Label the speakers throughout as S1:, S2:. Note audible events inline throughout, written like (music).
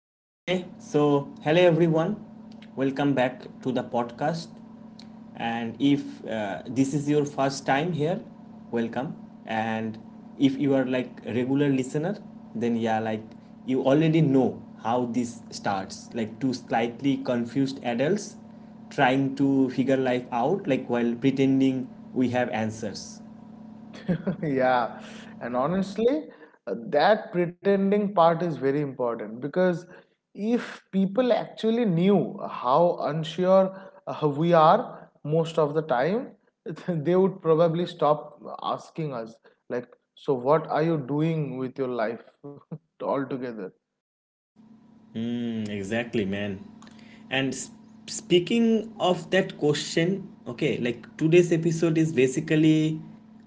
S1: Okay. So, Hello everyone. Welcome back to the podcast. And if this is your first time here, welcome. And if you are like regular listener, then you already know how this starts. Like two slightly confused adults trying to figure life out, like while pretending we have answers.
S2: (laughs) Yeah, and honestly, that pretending part is very important because if people actually knew how unsure we are most of the time, (laughs) they would probably stop asking us, like, so what are you doing with your life (laughs) altogether?
S1: Exactly, man. And speaking of that question, today's episode is basically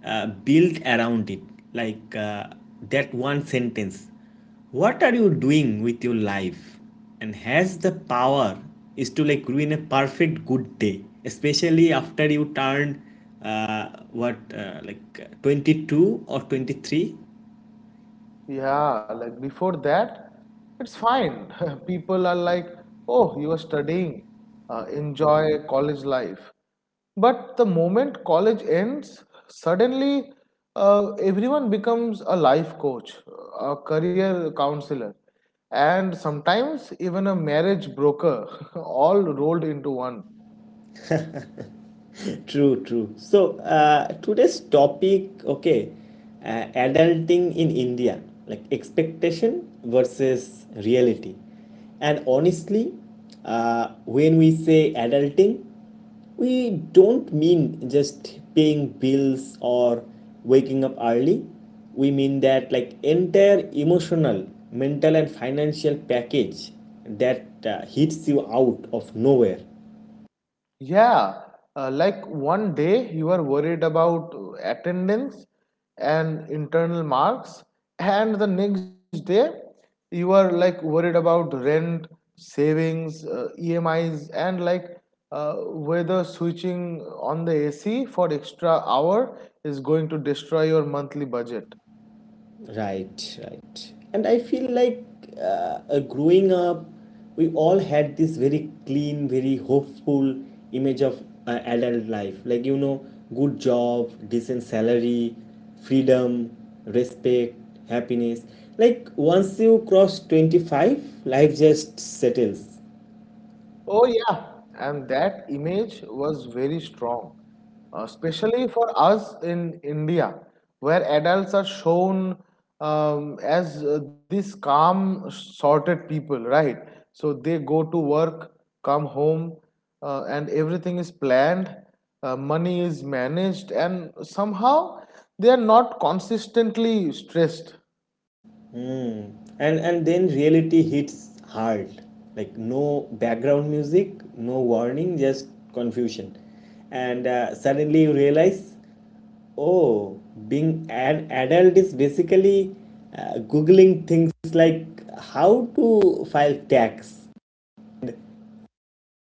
S1: built around it, like uh, that one sentence. What are you doing with your life? And has the power is to like ruin a perfect good day, especially after you turned what like 22 or 23.
S2: Yeah, like before that, it's fine. (laughs) People are like, oh, you are studying, enjoy college life. But the moment college ends, suddenly everyone becomes a life coach, a career counselor, and sometimes even a marriage broker, (laughs) all rolled into one.
S1: True, true. Today's topic, okay, adulting in India, like expectation versus reality. And honestly, when we say adulting, we don't mean just paying bills or waking up early. We mean that like entire emotional, mental, and financial package that hits you out of nowhere.
S2: Yeah, like one day you are worried about attendance and internal marks, and the next day you are like worried about rent, savings, EMIs, and like uh, whether switching on the AC for extra hour is going to destroy your monthly budget.
S1: Right, right. And I feel like uh, growing up, we all had this very clean, very hopeful image of adult life. Like, you know, good job, decent salary, freedom, respect, happiness. Like, once you cross 25, life just settles.
S2: Oh, yeah. And that image was very strong, especially for us in India, where adults are shown as these calm, sorted people, right? So they go to work, come home, and everything is planned, money is managed, and somehow they are not consistently stressed.
S1: Mm. And then reality hits hard. Like no background music, no warning, just confusion. And suddenly you realize, oh, being an adult is basically googling things like how to file tax.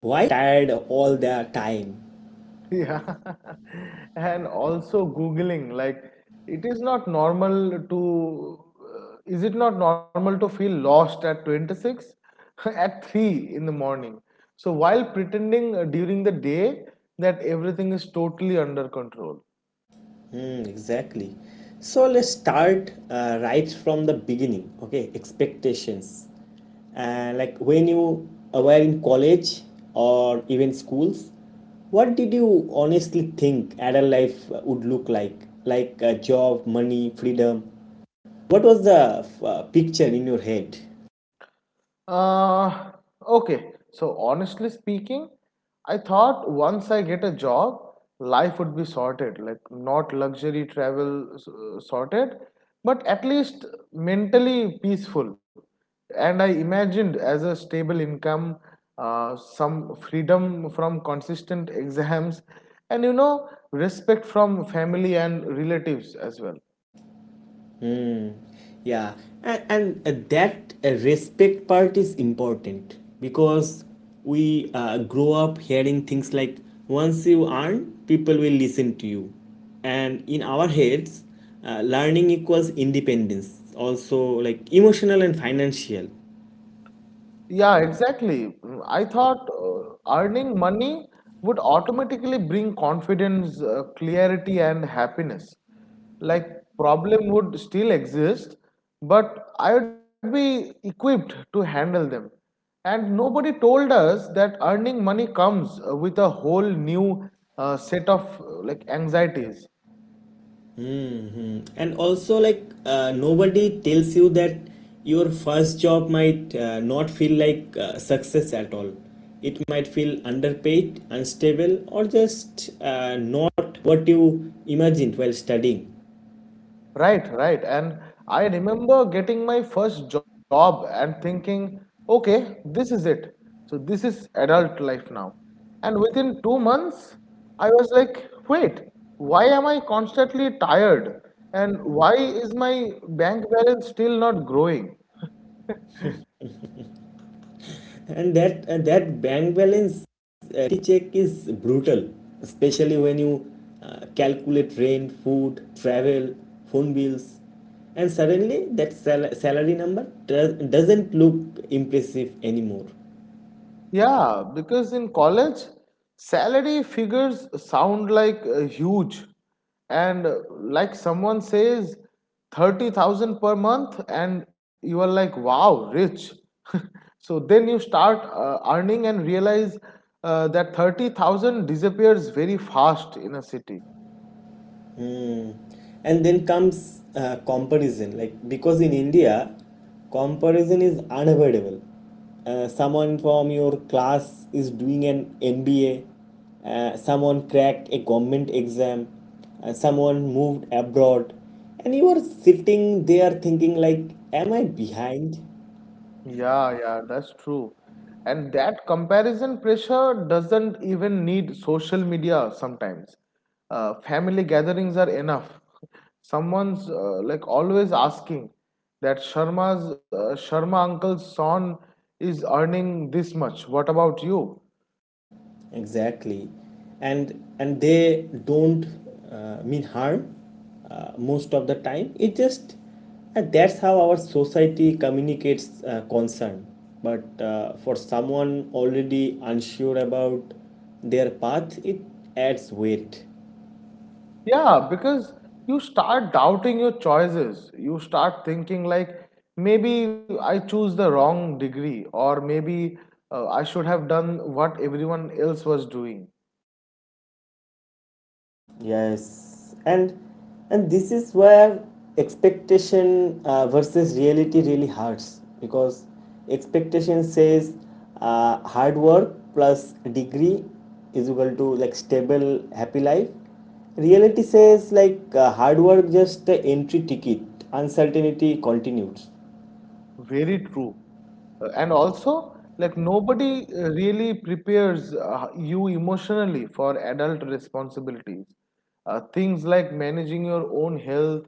S1: Why tired all the time?
S2: Yeah. (laughs) And also Googling, like, it is not normal to, is it not normal to feel lost at 26? (laughs) At 3 in the morning. So while pretending during the day that everything is totally under control.
S1: Exactly. So let's start right from the beginning. Okay, expectations. Like when you were in college or even schools, what did you honestly think adult life would look like? Like a job, money, freedom. What was the picture in your head?
S2: Uh, okay. So honestly speaking, I thought once I get a job, life would be sorted. Like not luxury travel sorted, but at least mentally peaceful. And I imagined as a stable income, some freedom from consistent exams, and respect from family and relatives as well.
S1: Yeah, and that respect part is important because we grow up hearing things like once you earn people will listen to you, and in our heads learning equals independence, also like emotional and financial.
S2: Yeah, exactly. I thought earning money would automatically bring confidence, clarity, and happiness. Like problem would still exist, but I would be equipped to handle them. And nobody told us that earning money comes with a whole new set of like anxieties.
S1: And also like nobody tells you that your first job might not feel like success at all. It might feel underpaid, unstable, or just not what you imagined while studying.
S2: Right, right. And I remember getting my first job and thinking, okay, this is it. So this is adult life now. And within 2 months, I was like, wait, why am I constantly tired? And why is my bank balance still not growing?
S1: And that bank balance check is brutal, especially when you calculate rent, food, travel, phone bills, and suddenly that salary number doesn't look impressive anymore.
S2: Yeah, because in college, salary figures sound like huge. And like someone says, 30,000 per month, and you are like, wow, rich. (laughs) So then you start earning and realize that 30,000 disappears very fast in a city.
S1: Hmm. And then comes comparison, like because in India, comparison is unavoidable. Someone from your class is doing an MBA, someone cracked a government exam, someone moved abroad, and you are sitting there thinking like, "Am I behind?"
S2: Yeah, yeah, that's true. And that comparison pressure doesn't even need social media sometimes. Family gatherings are enough. Someone's like always asking that Sharma uncle's son is earning this much. What about you?
S1: Exactly. And they don't mean harm most of the time. It just, and that's how our society communicates concern, but for someone already unsure about their path, it adds weight.
S2: Yeah, because you start doubting your choices. You start thinking like maybe I choose the wrong degree or maybe I should have done what everyone else was doing.
S1: Yes, and this is where expectation versus reality really hurts, because expectation says hard work plus degree is equal to like stable happy life. Reality says like hard work just the entry ticket. Uncertainty continues.
S2: Very true. And also like nobody really prepares you emotionally for adult responsibilities. Things like managing your own health,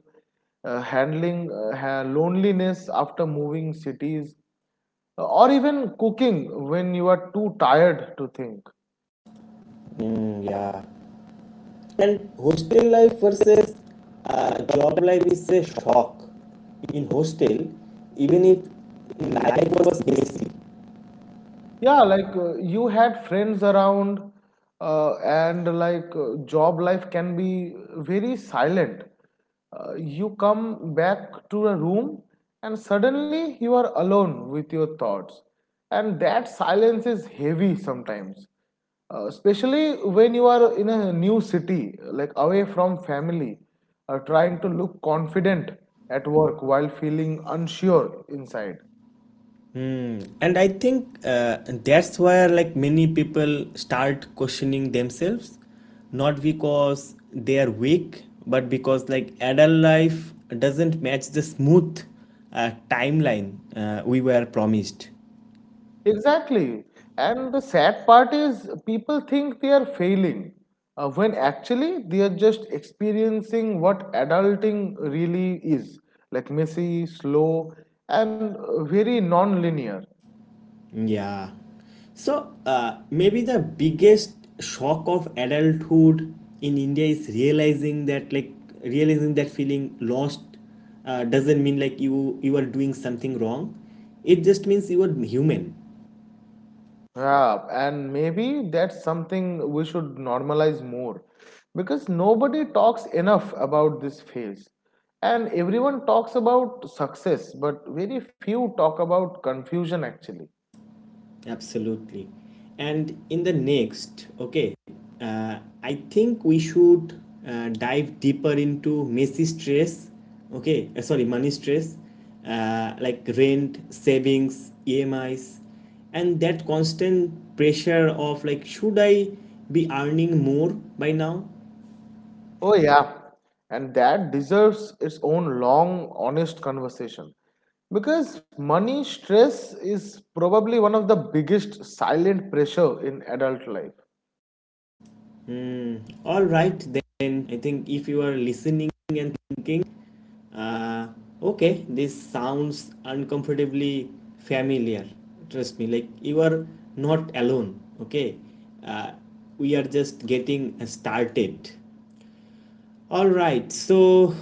S2: handling loneliness after moving cities or even cooking when you are too tired to think.
S1: Yeah. And hostel life versus job life is a shock. In hostel, even if life was basic,
S2: Yeah, like you had friends around, and like job life can be very silent. You come back to a room, and suddenly you are alone with your thoughts. And that silence is heavy sometimes, especially when you are in a new city, like away from family, trying to look confident at work while feeling unsure inside.
S1: and I think that's where like many people start questioning themselves, not because they are weak, but because like adult life doesn't match the smooth timeline we were promised.
S2: Exactly. And the sad part is, people think they are failing, when actually they are just experiencing what adulting really is, like messy, slow, and very non-linear.
S1: Yeah. So maybe the biggest shock of adulthood in India is realizing that feeling lost doesn't mean like you are doing something wrong. It just means you are human.
S2: Yeah, and maybe that's something we should normalize more, because nobody talks enough about this phase. And everyone talks about success, but very few talk about confusion actually.
S1: Absolutely. And in the next, okay, I think we should dive deeper into messy stress, okay, sorry, money stress, like rent, savings, EMIs, and that constant pressure of like, should I be earning more by now?
S2: Oh, yeah. And that deserves its own long, honest conversation. Because money stress is probably one of the biggest silent pressure in adult life.
S1: Hmm. All right, then I think if you are listening and thinking, uh, okay, this sounds uncomfortably familiar. Trust me, like you are not alone, okay? uh, we are just getting started. All right, so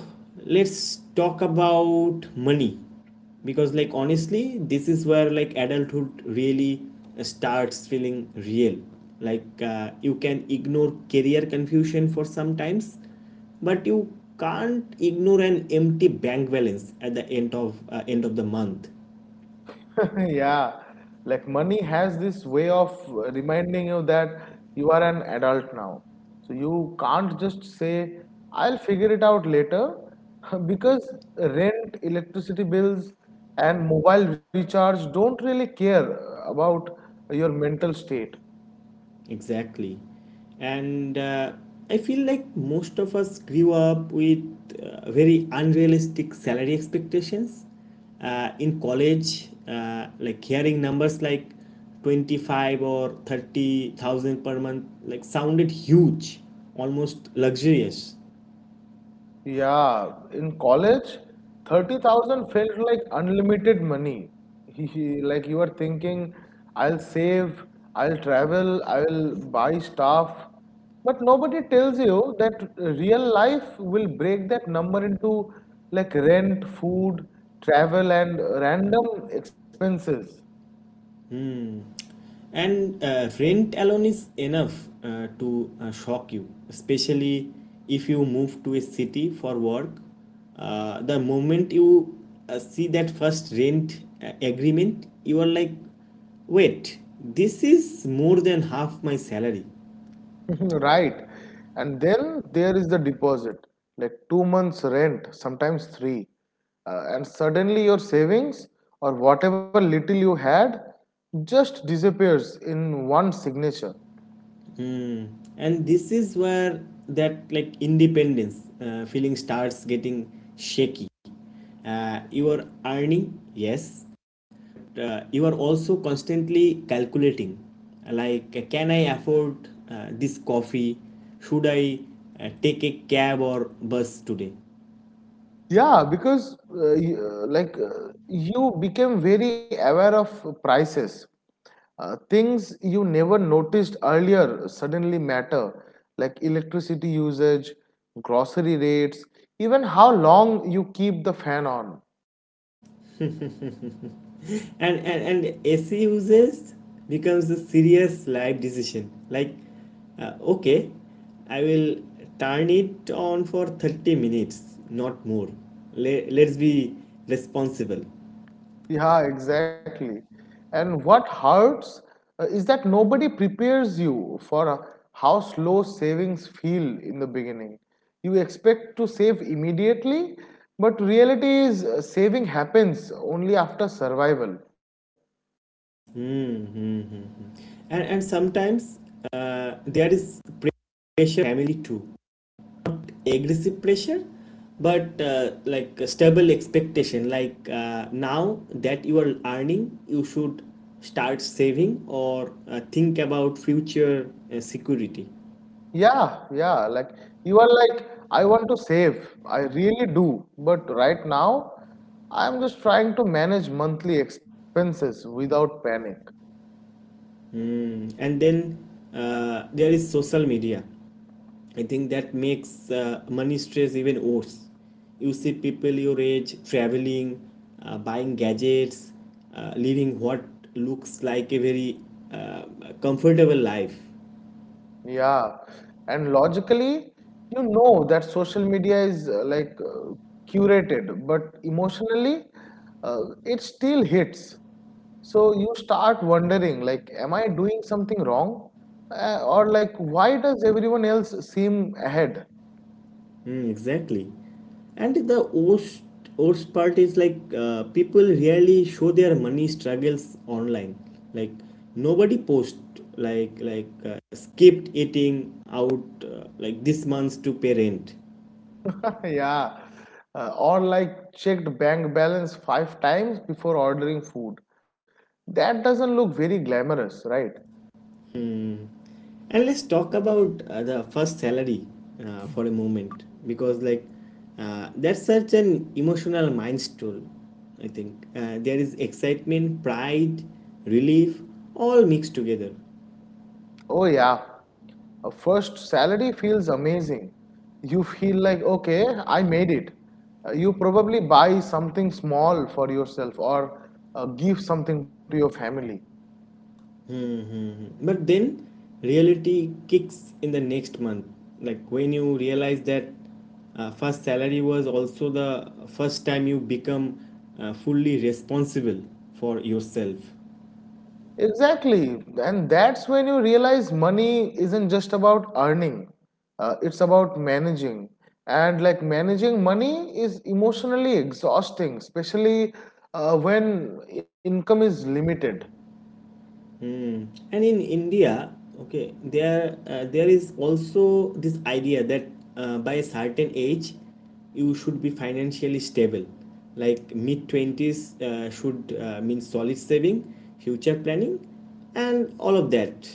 S1: let's talk about money because, like, honestly, this is where like adulthood really starts feeling real. Like, you can ignore career confusion for some times, but you can't ignore an empty bank balance at the end of the month.
S2: (laughs) Yeah, like money has this way of reminding you that you are an adult now. So you can't just say, I'll figure it out later, (laughs) because rent, electricity bills, and mobile recharge don't really care about your mental state.
S1: Exactly. And I feel like most of us grew up with very unrealistic salary expectations. In college, hearing numbers like 25 or 30,000 per month like sounded huge, almost luxurious.
S2: Yeah, in college, 30,000 felt like unlimited money. (laughs) He, like you were thinking, I'll save, I'll travel, I'll buy stuff. But nobody tells you that real life will break that number into like rent, food, travel, and random expenses.
S1: Hmm. And rent alone is enough to shock you, especially if you move to a city for work. The moment you see that first rent agreement, you are like, wait, this is more than half my salary.
S2: (laughs) Right. And then there is the deposit, like 2 months' rent, sometimes three. And suddenly your savings or whatever little you had just disappears in one signature.
S1: Hmm. And this is where that like independence feeling starts getting shaky. You are earning, yes, you are also constantly calculating like can I afford this coffee, should I take a cab or bus today?
S2: Yeah, because like you became very aware of prices. Things you never noticed earlier suddenly matter, like electricity usage, grocery rates, even how long you keep the fan on.
S1: And and AC uses becomes a serious life decision, like okay, I will turn it on for 30 minutes, not more. Let's be responsible.
S2: Yeah, exactly. And what hurts is that nobody prepares you for how slow savings feel in the beginning. You expect to save immediately, but reality is saving happens only after survival.
S1: Mm-hmm. And sometimes there is pressure family too. Not aggressive pressure, but like a stable expectation like now that you are earning you should start saving or think about future security.
S2: Yeah, yeah, like you are like, I want to save, I really do, but right now I'm just trying to manage monthly expenses without panic.
S1: Mm, and then there is social media. I think that makes money stress even worse. You see people your age traveling, buying gadgets, living what looks like a very uh, comfortable life.
S2: Yeah, and logically, you know that social media is like curated, but emotionally, it still hits. So you start wondering, like, am I doing something wrong? Or like, why does everyone else seem ahead?
S1: Exactly. And the worst part is like people really show their money struggles online. Like nobody post like skipped eating out like this month to pay rent.
S2: (laughs) Yeah, or like checked bank balance 5 times before ordering food. That doesn't look very glamorous, right?
S1: And let's talk about the first salary for a moment because like that's such an emotional milestone. I think there is excitement, pride, relief, all mixed together.
S2: Oh yeah. A first salary feels amazing. You feel like, okay, I made it. You probably buy something small for yourself or give something to your family.
S1: Hmm. But then reality kicks in the next month. Like when you realize that first salary was also the first time you become fully responsible for yourself.
S2: Exactly. And that's when you realize money isn't just about earning. It's about managing. And like managing money is emotionally exhausting, especially when income is limited.
S1: Hmm. And in India, okay, there is also this idea that by a certain age, you should be financially stable. Like mid twenties should mean solid saving, future planning, and all of that.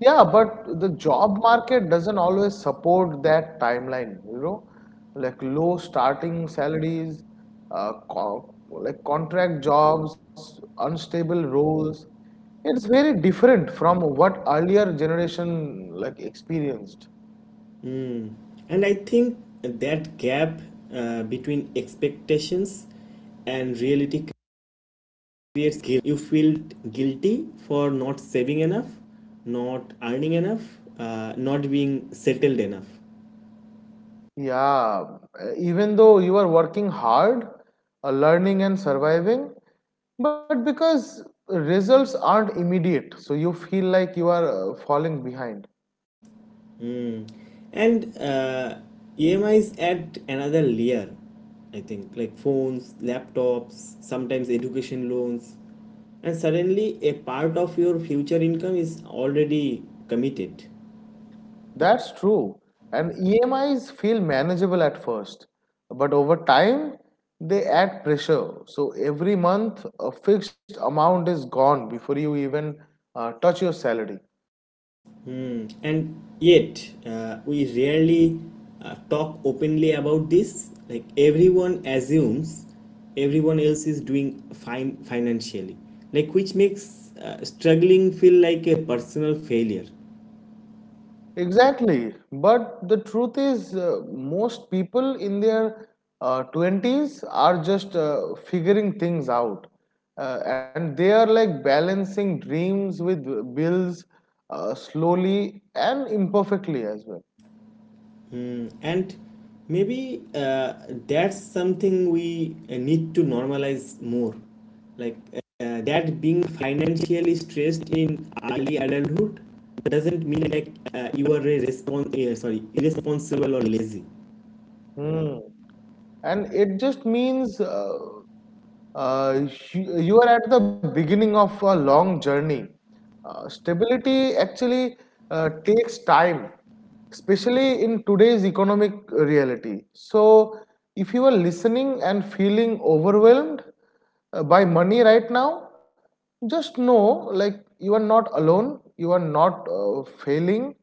S2: Yeah, but the job market doesn't always support that timeline, like low starting salaries, co like contract jobs, unstable roles. It's very different from what earlier generation like experienced.
S1: And I think that gap between expectations and reality creates guilt. You feel guilty for not saving enough, not earning enough, not being settled enough.
S2: Yeah, even though you are working hard, learning and surviving, but because results aren't immediate, so you feel like you are falling behind.
S1: Mm. And EMIs add another layer, I think, like phones, laptops, sometimes education loans. And suddenly, a part of your future income is already committed.
S2: That's true. And EMIs feel manageable at first, but over time, they add pressure. So every month, a fixed amount is gone before you even touch your salary.
S1: Hmm. And yet, we rarely talk openly about this. Like everyone assumes everyone else is doing fine financially, like which makes struggling feel like a personal failure.
S2: Exactly. But the truth is, most people in their 20s are just figuring things out. And they are like balancing dreams with bills slowly and imperfectly as well.
S1: Hmm, and maybe that's something we need to normalize more, like that being financially stressed in early adulthood doesn't mean like you are a respons- sorry irresponsible or lazy.
S2: Hmm. And it just means uh, you are at the beginning of a long journey. Stability actually takes time, especially in today's economic reality. So, if you are listening and feeling overwhelmed by money right now, just know like you are not alone, you are not failing,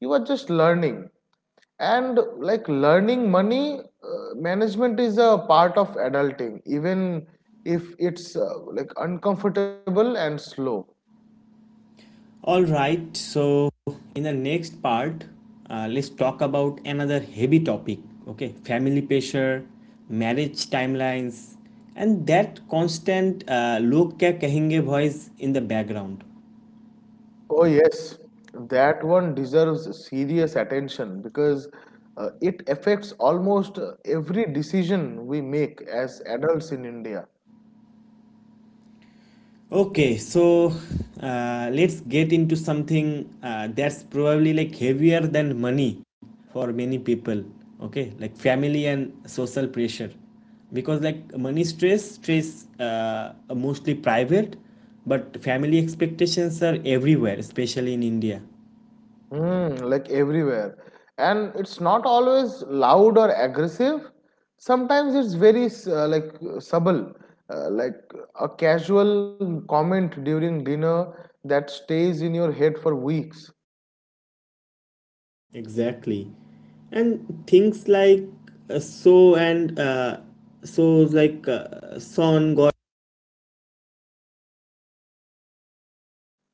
S2: you are just learning and like learning money management is a part of adulting even if it's like uncomfortable and slow.
S1: All right, so in the next part, let's talk about another heavy topic, okay? Family pressure, marriage timelines, and that constant log kya kahenge voice in the background.
S2: Oh yes, that one deserves serious attention because it affects almost every decision we make as adults in India.
S1: Okay, so let's get into something that's probably like heavier than money for many people. Okay, like family and social pressure, because like money stress are mostly private, but family expectations are everywhere, especially in India.
S2: Mm, like everywhere. And it's not always loud or aggressive. Sometimes it's very like subtle, like a casual comment during dinner that stays in your head for weeks.
S1: Exactly. And things like so and so like son got.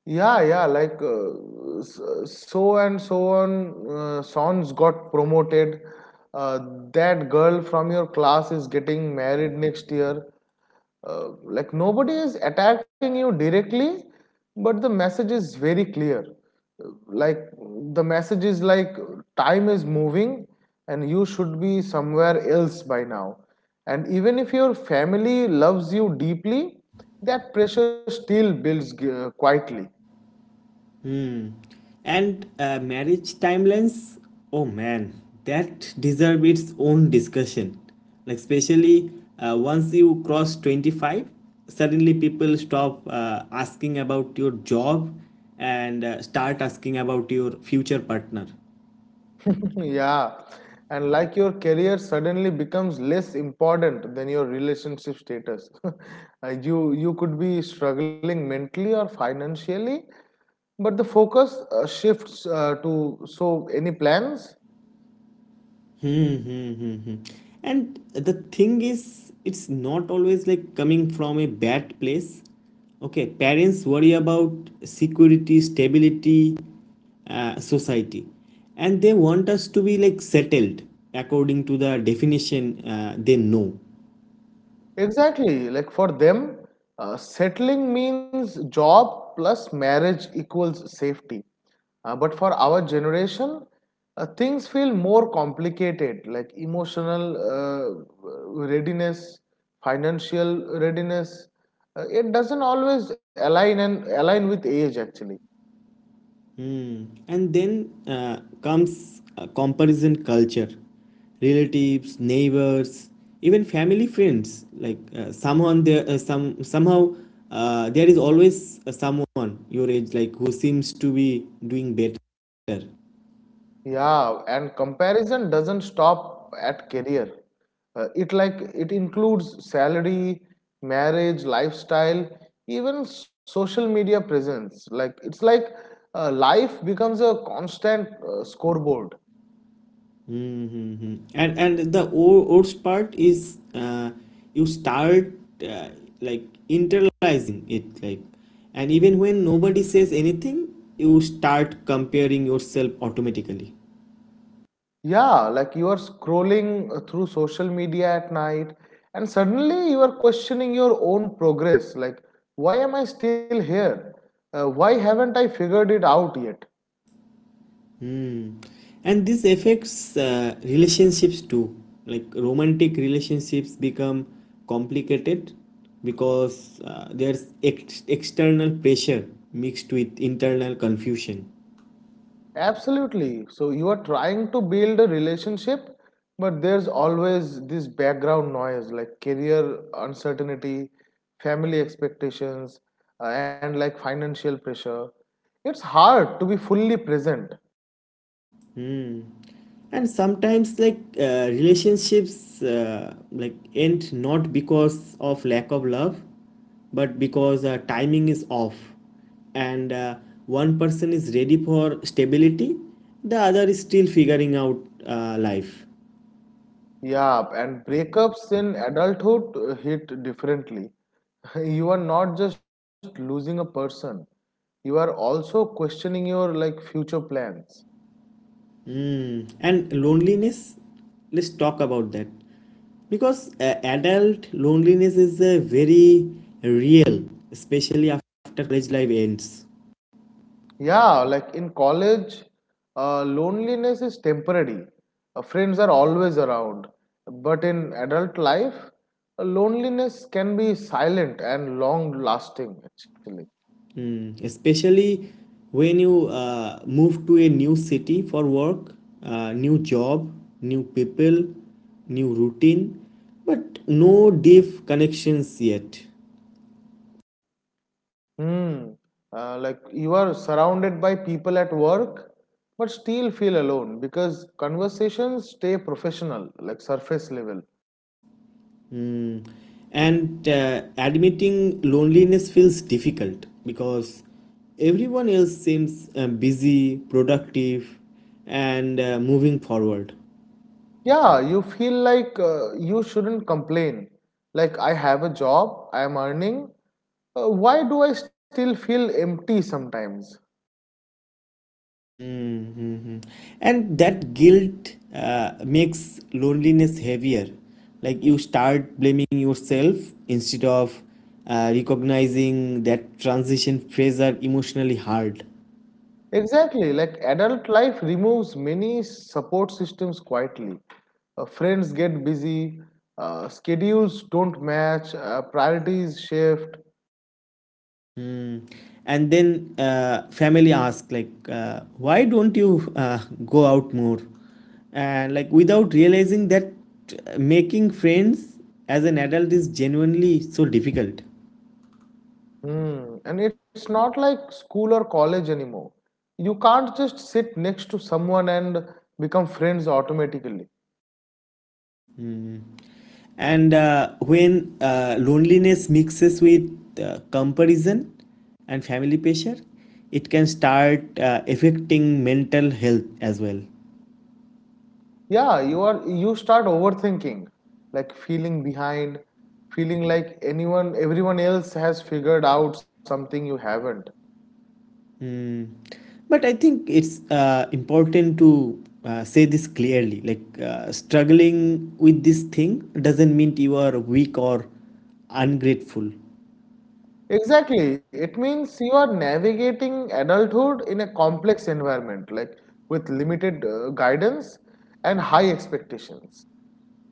S2: Yeah, yeah, like so and so on. Sons got promoted. Uh, that girl from your class is getting married next year. Like nobody is attacking you directly, but the message is very clear. Like the message is like time is moving and you should be somewhere else by now. And even if your family loves you deeply, that pressure still builds quietly.
S1: Hmm. And marriage timelines, oh man, that deserve its own discussion. Like especially once you cross 25, suddenly people stop asking about your job and start asking about your future partner.
S2: (laughs) Yeah, and like your career suddenly becomes less important than your relationship status. (laughs) You could be struggling mentally or financially, but the focus shifts to so any plans?
S1: Hmm, hmm, hmm, hmm. And the thing is, it's not always like coming from a bad place. Okay, parents worry about security, stability, society, and they want us to be like settled according to the definition they know.
S2: Exactly. Like for them, settling means job plus marriage equals safety. But for our generation, things feel more complicated, like emotional readiness, financial readiness. It doesn't always align with age actually.
S1: Hmm. And then comes comparison culture, relatives, neighbors, even family friends, like someone there some somehow there is always someone your age like who seems to be doing better.
S2: Yeah, and comparison doesn't stop at career. It includes salary, marriage, lifestyle, even social media presence. Like it's like life becomes a constant scoreboard.
S1: Mm-hmm. And the worst part is you start uh, like internalizing it, like, and even when nobody says anything, you start comparing yourself automatically.
S2: Yeah, like you are scrolling through social media at night, and suddenly you are questioning your own progress. Like, why am I still here? Why haven't I figured it out yet?
S1: Hmm. And this affects relationships too. Like romantic relationships become complicated because there's external pressure mixed with internal confusion.
S2: Absolutely. So you are trying to build a relationship, but there's always this background noise like career uncertainty, family expectations, and like financial pressure. It's hard to be fully present.
S1: Hmm. And sometimes, like relationships, like end not because of lack of love, but because timing is off, and one person is ready for stability, the other is still figuring out life.
S2: Yeah, and breakups in adulthood hit differently. (laughs) You are not just losing a person, you are also questioning your like future plans.
S1: Hmm. And loneliness, let's talk about that, because adult loneliness is very real, especially after college life ends.
S2: Yeah, like in college, loneliness is temporary. Friends are always around. But in adult life, loneliness can be silent and long lasting, actually.
S1: Mm, especially when you move to a new city for work, new job, new people, new routine, but no deep connections yet.
S2: Hmm. Like you are surrounded by people at work, but still feel alone because conversations stay professional, like surface level.
S1: Mm. And admitting loneliness feels difficult because everyone else seems busy, productive, and moving forward.
S2: Yeah, you feel like you shouldn't complain. Like, I have a job, I am earning. Why do I still feel empty sometimes?
S1: Mhm. And that guilt uh, makes loneliness heavier. Like you start blaming yourself instead of recognizing that transition phase are emotionally hard.
S2: Exactly, like adult life removes many support systems quietly. Friends get busy, schedules don't match, priorities shift.
S1: Hmm. And then family ask like, why don't you go out more? And like without realizing that making friends as an adult is genuinely so difficult.
S2: Hmm. And it's not like school or college anymore. You can't just sit next to someone and become friends automatically.
S1: And when loneliness mixes with comparison and family pressure, it can start affecting mental health as well.
S2: Yeah, you start overthinking, like feeling behind, feeling like anyone everyone else has figured out something you haven't.
S1: Mm. But I think it's important to say this clearly. Like struggling with this thing doesn't mean you are weak or ungrateful.
S2: Exactly, it means you are navigating adulthood in a complex environment, like with limited guidance and high expectations.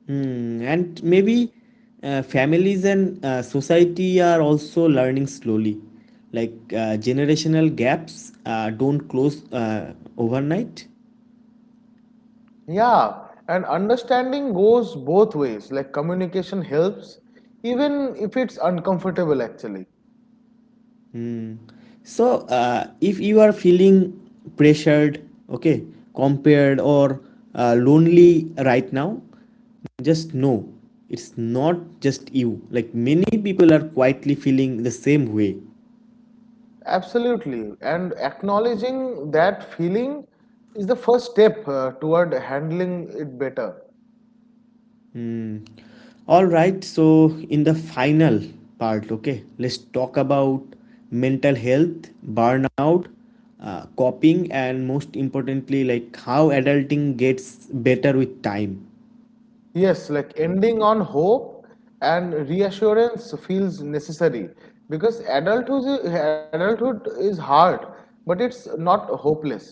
S1: Hmm, and maybe families and society are also learning slowly. Like generational gaps don't close overnight.
S2: Yeah, and understanding goes both ways, like communication helps even if it's uncomfortable, actually.
S1: So, if you are feeling pressured, okay, compared, or lonely right now, just know it's not just you. Like many people are quietly feeling the same way.
S2: Absolutely. And acknowledging that feeling is the first step toward handling it better.
S1: Hmm. All right, so in the final part, okay, let's talk about mental health, burnout, coping, and most importantly, like how adulting gets better with time.
S2: Yes, like ending on hope and reassurance feels necessary because adulthood is hard, but it's not hopeless.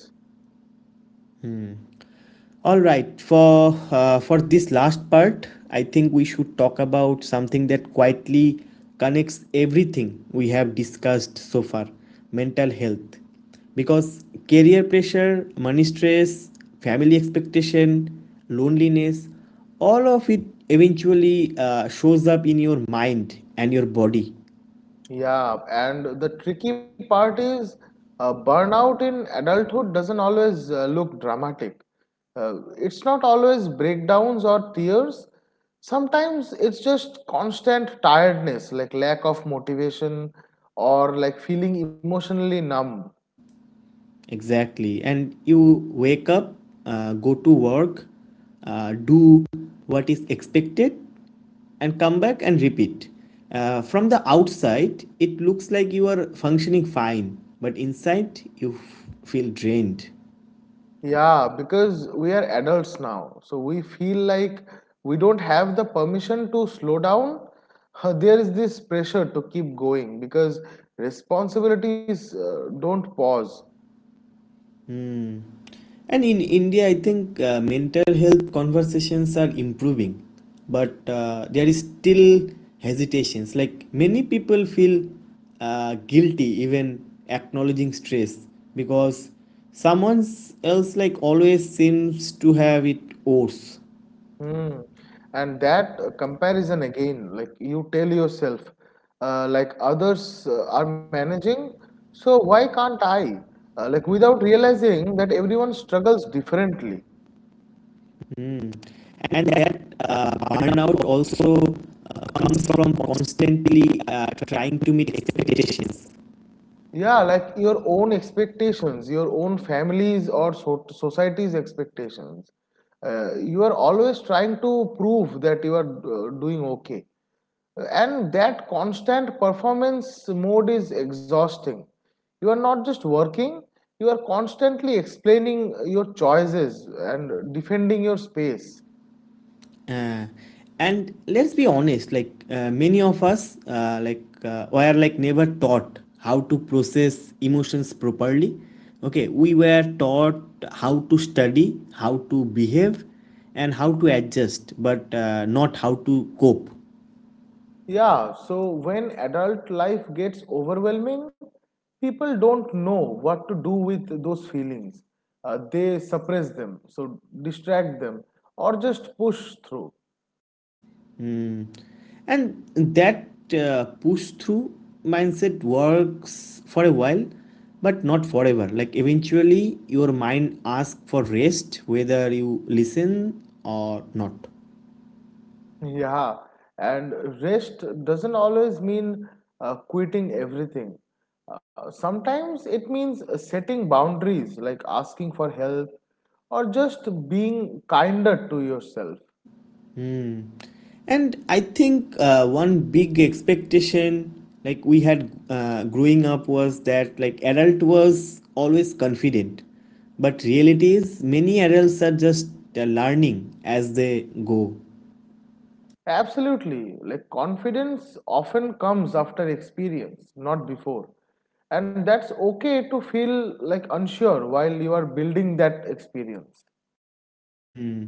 S1: All right, for for this last part, I think we should talk about something that quietly connects everything we have discussed so far, mental health. Because career pressure, money stress, family expectation, loneliness, all of it eventually shows up in your mind and your body.
S2: Yeah, and the tricky part is burnout in adulthood doesn't always look dramatic. It's not always breakdowns or tears. Sometimes it's just constant tiredness, like lack of motivation or like feeling emotionally numb.
S1: Exactly. And you wake up, go to work, do what is expected and come back and repeat. From the outside, it looks like you are functioning fine, but inside, you feel drained.
S2: Yeah, because we are adults now, so we feel like we don't have the permission to slow down. There is this pressure to keep going because responsibilities don't pause.
S1: And in India, I think mental health conversations are improving, but there is still hesitations. Like many people feel guilty even acknowledging stress because someone else like always seems to have it worse.
S2: Hmm. And that comparison again, like you tell yourself, like others are managing, so why can't I? Like without realizing that everyone struggles differently.
S1: Mm. And that burnout also comes from constantly trying to meet expectations.
S2: Yeah, like your own expectations, your own family's or society's expectations. You are always trying to prove that you are doing okay. And that constant performance mode is exhausting. You are not just working, you are constantly explaining your choices and defending your space.
S1: Uh, and let's be honest, like many of us, were never taught how to process emotions properly. Okay, we were taught how to study, how to behave, and how to adjust, but not how to cope.
S2: Yeah, so when adult life gets overwhelming, people don't know what to do with those feelings. They suppress them, so distract them, or just push through.
S1: And that push through mindset works for a while, but not forever. Like eventually, your mind asks for rest, whether you listen or not.
S2: Yeah, and rest doesn't always mean quitting everything. Sometimes it means setting boundaries, like asking for help, or just being kinder to yourself.
S1: Hmm. And I think one big expectation like we had growing up was that like adult was always confident, but reality is many adults are just learning as they go.
S2: Absolutely. Like confidence often comes after experience, not before. And that's okay to feel like unsure while you are building that experience.
S1: Hmm.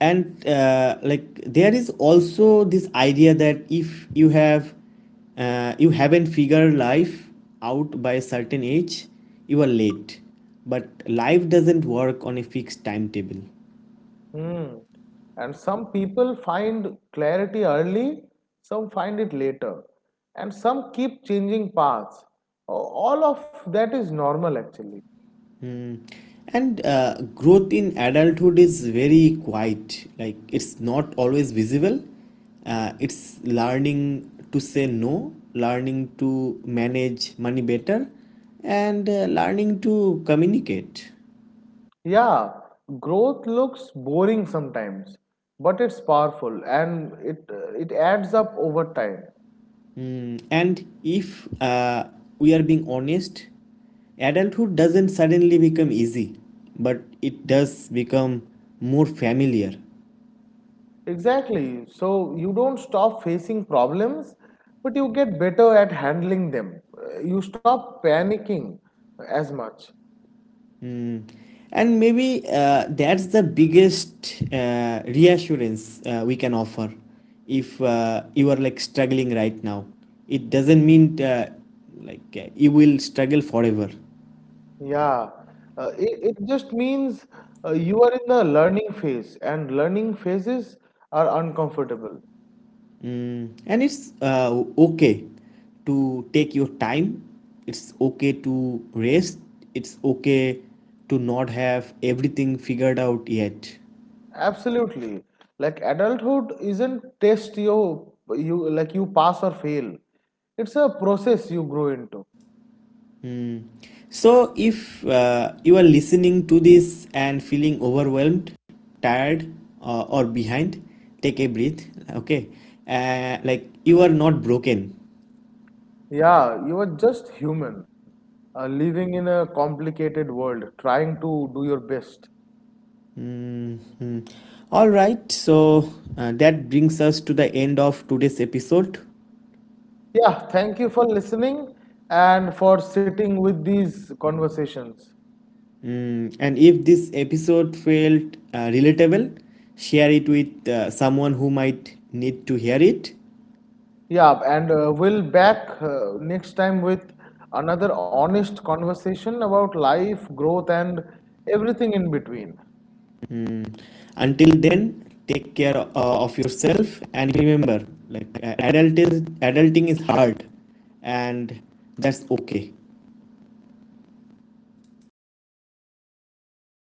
S1: And like there is also this idea that if you have you haven't figured life out by a certain age, you are late. But life doesn't work on a fixed timetable.
S2: Hmm. And some people find clarity early, some find it later, and some keep changing paths. All of that is normal, actually.
S1: Hmm. And growth in adulthood is very quiet. Like it's not always visible. It's learning to say no, learning to manage money better, and learning to communicate.
S2: Yeah, growth looks boring sometimes, but it's powerful, and it adds up over time.
S1: Hmm. And if we are being honest, adulthood doesn't suddenly become easy, but it does become more familiar.
S2: Exactly. So you don't stop facing problems, but you get better at handling them. You stop panicking as much.
S1: And maybe that's the biggest reassurance we can offer if you are like struggling right now, it doesn't mean you will struggle forever.
S2: Yeah. It just means you are in the learning phase, and learning phases are uncomfortable.
S1: Mm, and it's okay to take your time, it's okay to rest, it's okay to not have everything figured out yet.
S2: Absolutely. Like adulthood isn't test you, like you pass or fail. It's a process you grow into.
S1: Mm. So, if you are listening to this and feeling overwhelmed, tired, or behind, take a breath. Okay, like you are not broken.
S2: Yeah, you are just human, living in a complicated world, trying to do your best.
S1: Mhm. All right, so that brings us to the end of today's episode.
S2: Yeah, thank you for listening and for sitting with these conversations.
S1: Mm, and if this episode felt relatable, share it with someone who might need to hear it.
S2: Yeah, and we'll back next time with another honest conversation about life, growth, and everything in between.
S1: Mm. Until then, take care of yourself and remember, like adulting is hard, and that's okay.